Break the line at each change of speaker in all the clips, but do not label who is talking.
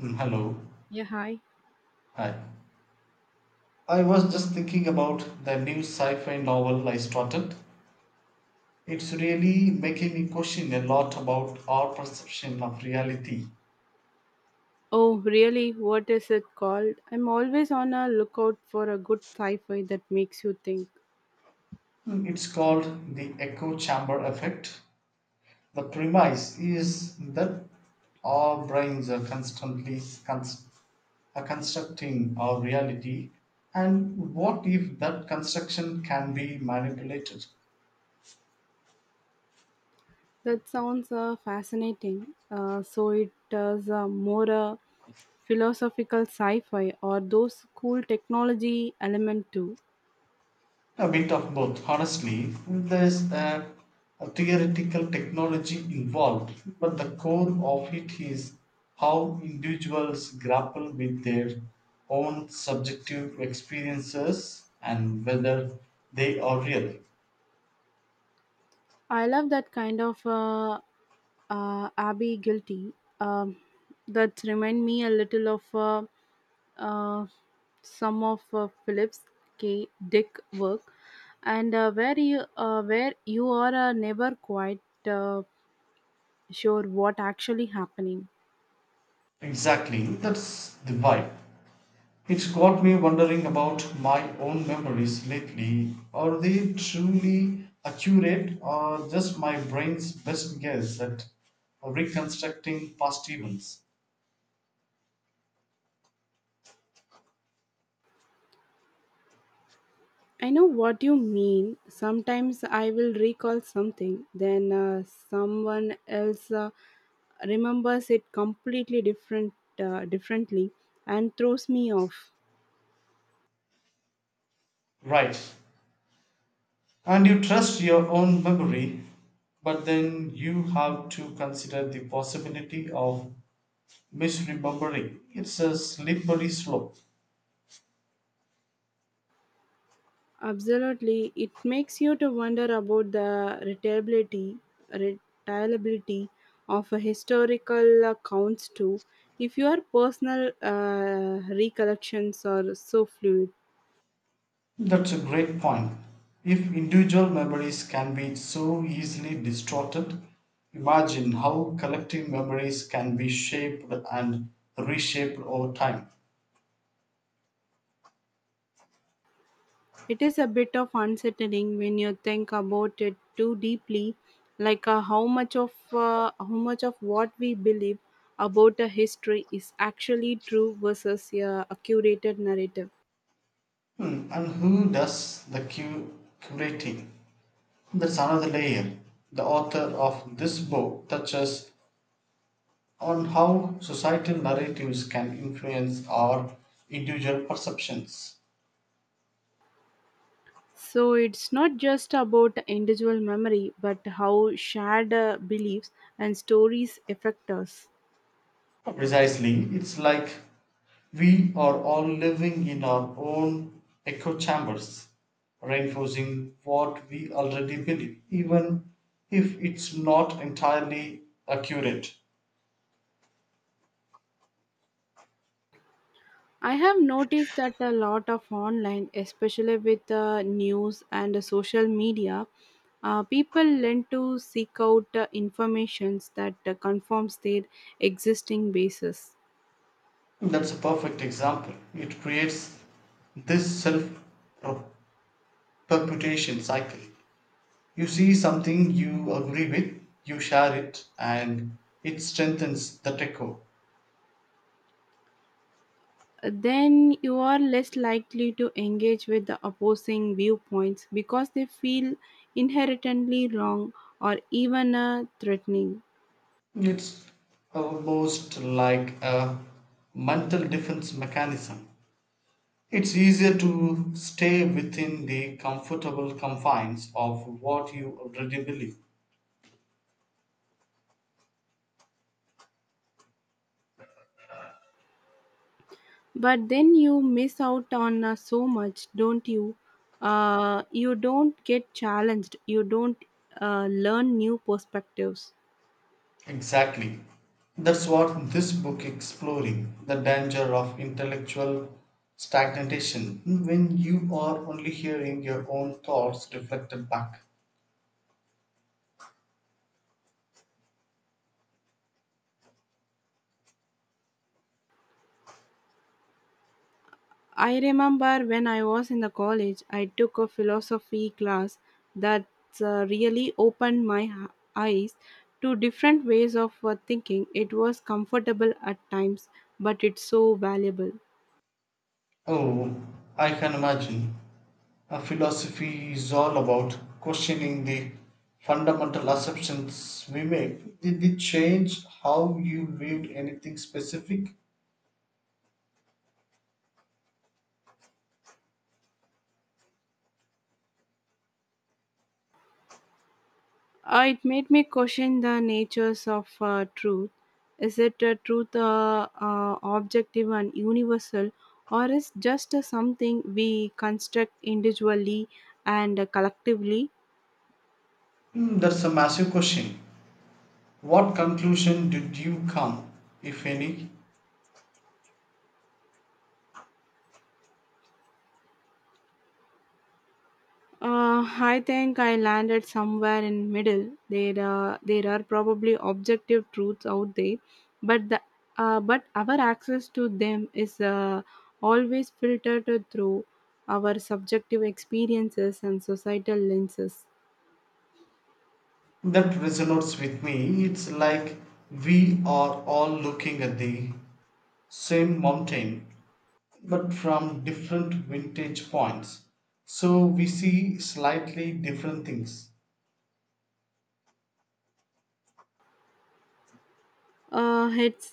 Hello.
Yeah, hi.
Hi. I was just thinking about the new sci fi novel I started. It's really making me question a lot about our perception of reality.
Oh, really? What is it called? I'm always on a lookout for a good sci-fi that makes you think.
It's called The Echo Chamber Effect. The premise is that our brains are are constructing our reality, and what if that construction can be manipulated?
That sounds fascinating. So it does more a philosophical sci-fi or those cool technology element too.
A bit of both, honestly. There's a theoretical technology involved, but the core of it is how individuals grapple with their own subjective experiences and whether they are real.
I love that kind of Abby guilty. Um, that remind me a little of uh, some of Phillips K. Dick work, and where you are never quite uh, sure what actually happening.
Exactly, that's the vibe. It's got me wondering about my own memories lately. Are they truly accurate or just my brain's best guess at reconstructing past events?
I know what you mean. Sometimes I will recall something, then someone else remembers it completely differently, and throws me off.
Right. And you trust your own memory, but then you have to consider the possibility of misremembering. It's a slippery slope.
Absolutely, it makes you to wonder about the reliability of a historical accounts too. If your personal recollections are so fluid.
That's a great point. If individual memories can be so easily distorted, imagine how collective memories can be shaped and reshaped over time.
It is a bit of unsettling when you think about it too deeply, like how much of what we believe about a history is actually true versus a curated narrative.
Hmm. And who does the curating? That's another layer. The author of this book touches on how societal narratives can influence our individual perceptions.
So it's not just about individual memory, but how shared beliefs and stories affect us.
Precisely. It's like we are all living in our own echo chambers, reinforcing what we already believe, even if it's not entirely accurate.
I have noticed that a lot of online, especially with news and social media, people lend to seek out informations that confirms their existing basis.
That's a perfect example. It creates this self perpetuation cycle. You see something you agree with, you share it, and it strengthens the echo.
Then you are less likely to engage with the opposing viewpoints because they feel inherently wrong or even threatening.
It's almost like a mental defense mechanism. It's easier to stay within the comfortable confines of what you already believe.
But then you miss out on so much, don't you? You don't get challenged. You don't learn new perspectives.
Exactly. That's what this book exploring the danger of intellectual stagnation when you are only hearing your own thoughts reflected back.
I remember when I was in the college, I took a philosophy class that really opened eyes to different ways of thinking. It was comfortable at times, but it's so valuable.
Oh, I can imagine. A philosophy is all about questioning the fundamental assumptions we make. Did it change how you viewed anything specific?
It made me question the natures of truth. Is it a truth objective and universal, or is just something we construct individually and collectively?
Hmm, that's a massive question. What conclusion did you come, if any?
Uh, I think I landed somewhere in middle. There are probably objective truths out there, but the but our access to them is always filtered through our subjective experiences and societal lenses.
That resonates with me. It's like we are all looking at the same mountain but from different vintage points. So we see slightly different things.
It's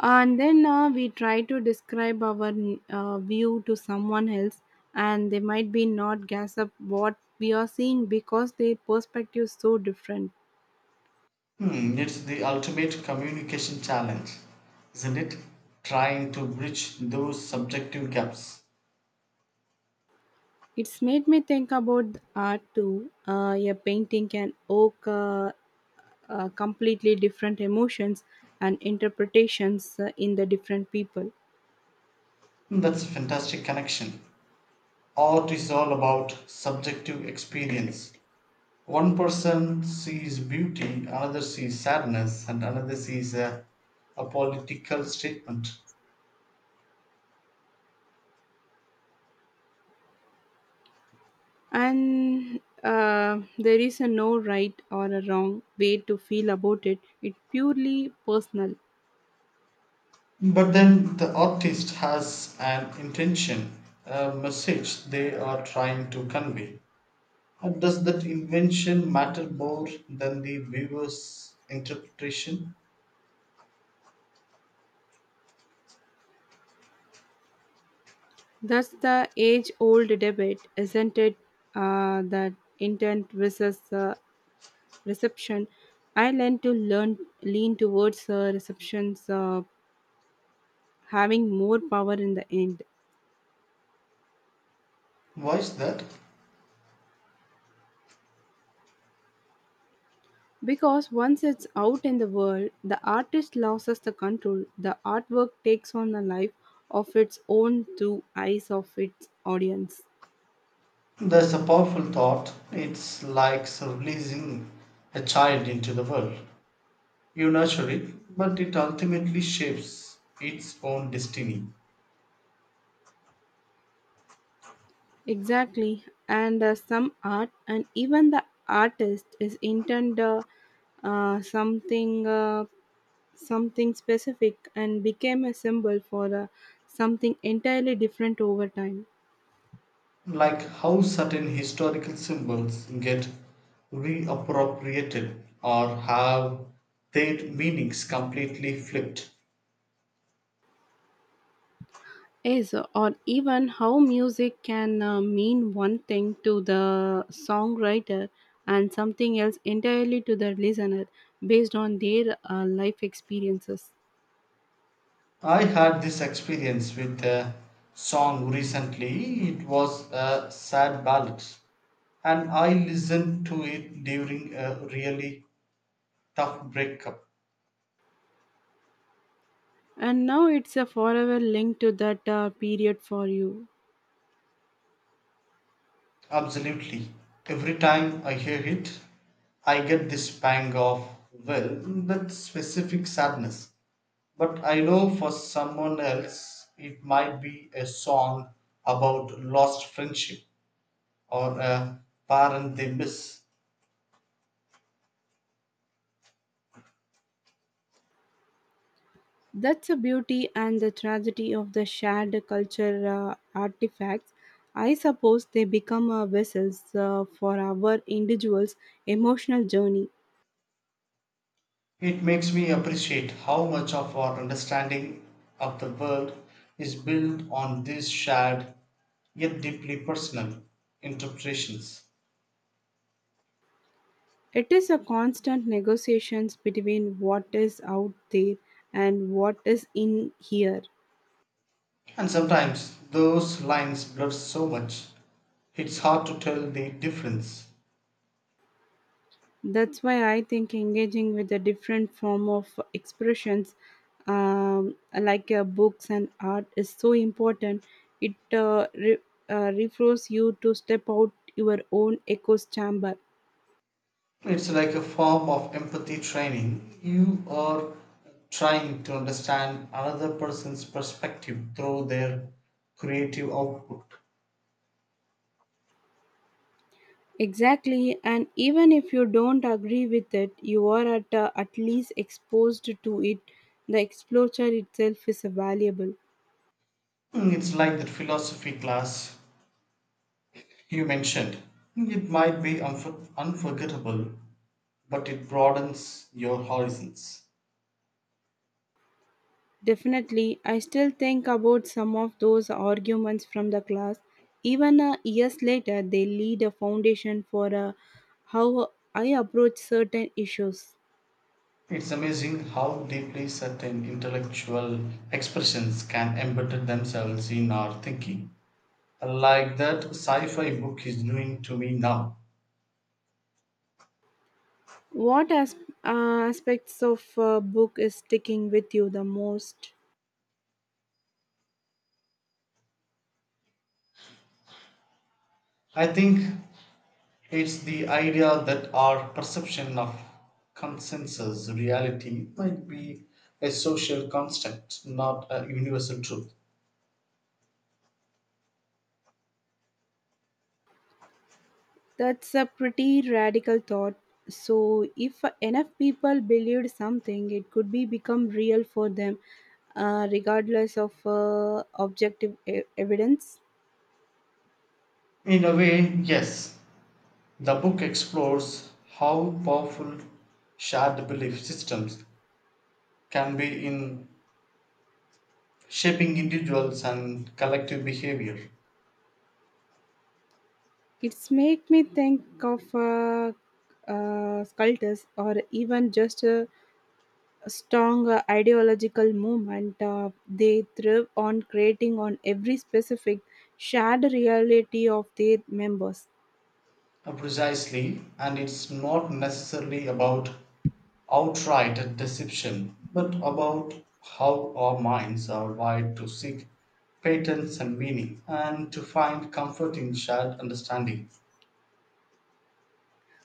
And then we try to describe our view to someone else, and they might be not gas up what we are seeing because their perspective is so different.
Hmm, it's the ultimate communication challenge, isn't it? Trying to bridge those subjective gaps.
It's made me think about art too. A painting can evoke completely different emotions and interpretations in the different people.
Hmm. That's a fantastic connection. Art is all about subjective experience. One person sees beauty, another sees sadness, and another sees a political statement.
And there is a no right or a wrong way to feel about it. It's purely personal.
But then the artist has an intention, a message they are trying to convey. And does that invention matter more than the viewer's interpretation?
That's the age old debate, isn't it? That intent versus reception. I lean towards receptions having more power in the end.
Why is that?
Because once it's out in the world, the artist loses the control. The artwork takes on a life of its own through eyes of its audience.
That's a powerful thought. It's like releasing a child into the world. You nurture it, but it ultimately shapes its own destiny.
Exactly, and some art, and even the artist is intended uh, something uh, something specific and became a symbol for something entirely different over time.
Like how certain historical symbols get reappropriated or have their meanings completely flipped.
Is or even how music can mean one thing to the songwriter and something else entirely to the listener based on their life experiences.
I had this experience with a song recently. It was a sad ballad, and I listened to it during a really tough breakup.
And now it's a forever link to that period for you.
Absolutely. Every time I hear it, I get this pang of, well, that specific sadness. But I know for someone else, it might be a song about lost friendship or a parent they miss.
That's the beauty and the tragedy of the shared culture artifacts. I suppose they become vessels for our individual's emotional journey.
It makes me appreciate how much of our understanding of the world is built on these shared yet deeply personal interpretations.
It is a constant negotiations between what is out there and what is in here.
And sometimes those lines blur so much, it's hard to tell the difference.
That's why I think engaging with a different form of expressions, like books and art, is so important. It refers you to step out your own echo's chamber.
It's like a form of empathy training. You are trying to understand another person's perspective through their creative output.
Exactly, and even if you don't agree with it, you are at least exposed to it. The exposure itself is valuable.
It's like that philosophy class you mentioned. It might be unforgettable, but it broadens your horizons.
Definitely, I still think about some of those arguments from the class. Even years later, they lead a foundation for how I approach certain issues.
It's amazing how deeply certain intellectual expressions can embed themselves in our thinking, like that sci fi book is doing to me now.
What aspects of a book is sticking with you the most?
I think it's the idea that our perception of consensus reality might be a social construct, not a universal truth.
That's a pretty radical thought. So, if enough people believed something, it could be become real for them, regardless of objective evidence.
In a way, yes, the book explores how powerful shared belief systems can be in shaping individuals and collective behavior.
It's made me think of sculptors or even just a strong ideological movement. They thrive on creating on every specific shared reality of their members.
Precisely, and it's not necessarily about outright deception, but about how our minds are wired to seek patterns and meaning and to find comfort in shared understanding.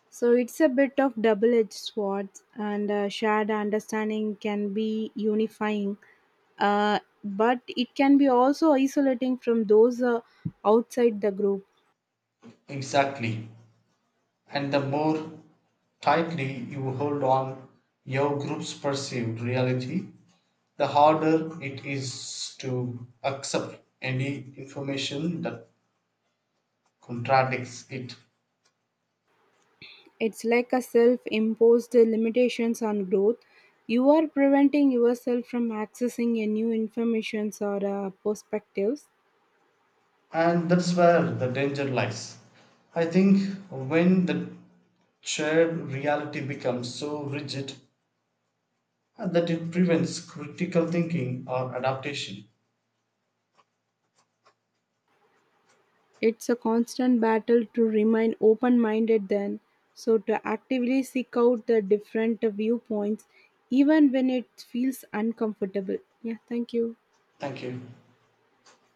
So it's a bit of double-edged sword, and shared understanding can be unifying, but it can be also isolating from those outside the group.
Exactly. And the more tightly you hold on your group's perceived reality, the harder it is to accept any information that contradicts it.
It's like a self imposed limitations on growth. You are preventing yourself from accessing a new informations or perspectives.
And that's where the danger lies. I think when the shared reality becomes so rigid that it prevents critical thinking or adaptation.
It's a constant battle to remain open minded then. So to actively seek out the different viewpoints even when it feels uncomfortable. Yeah, thank you.
Thank you.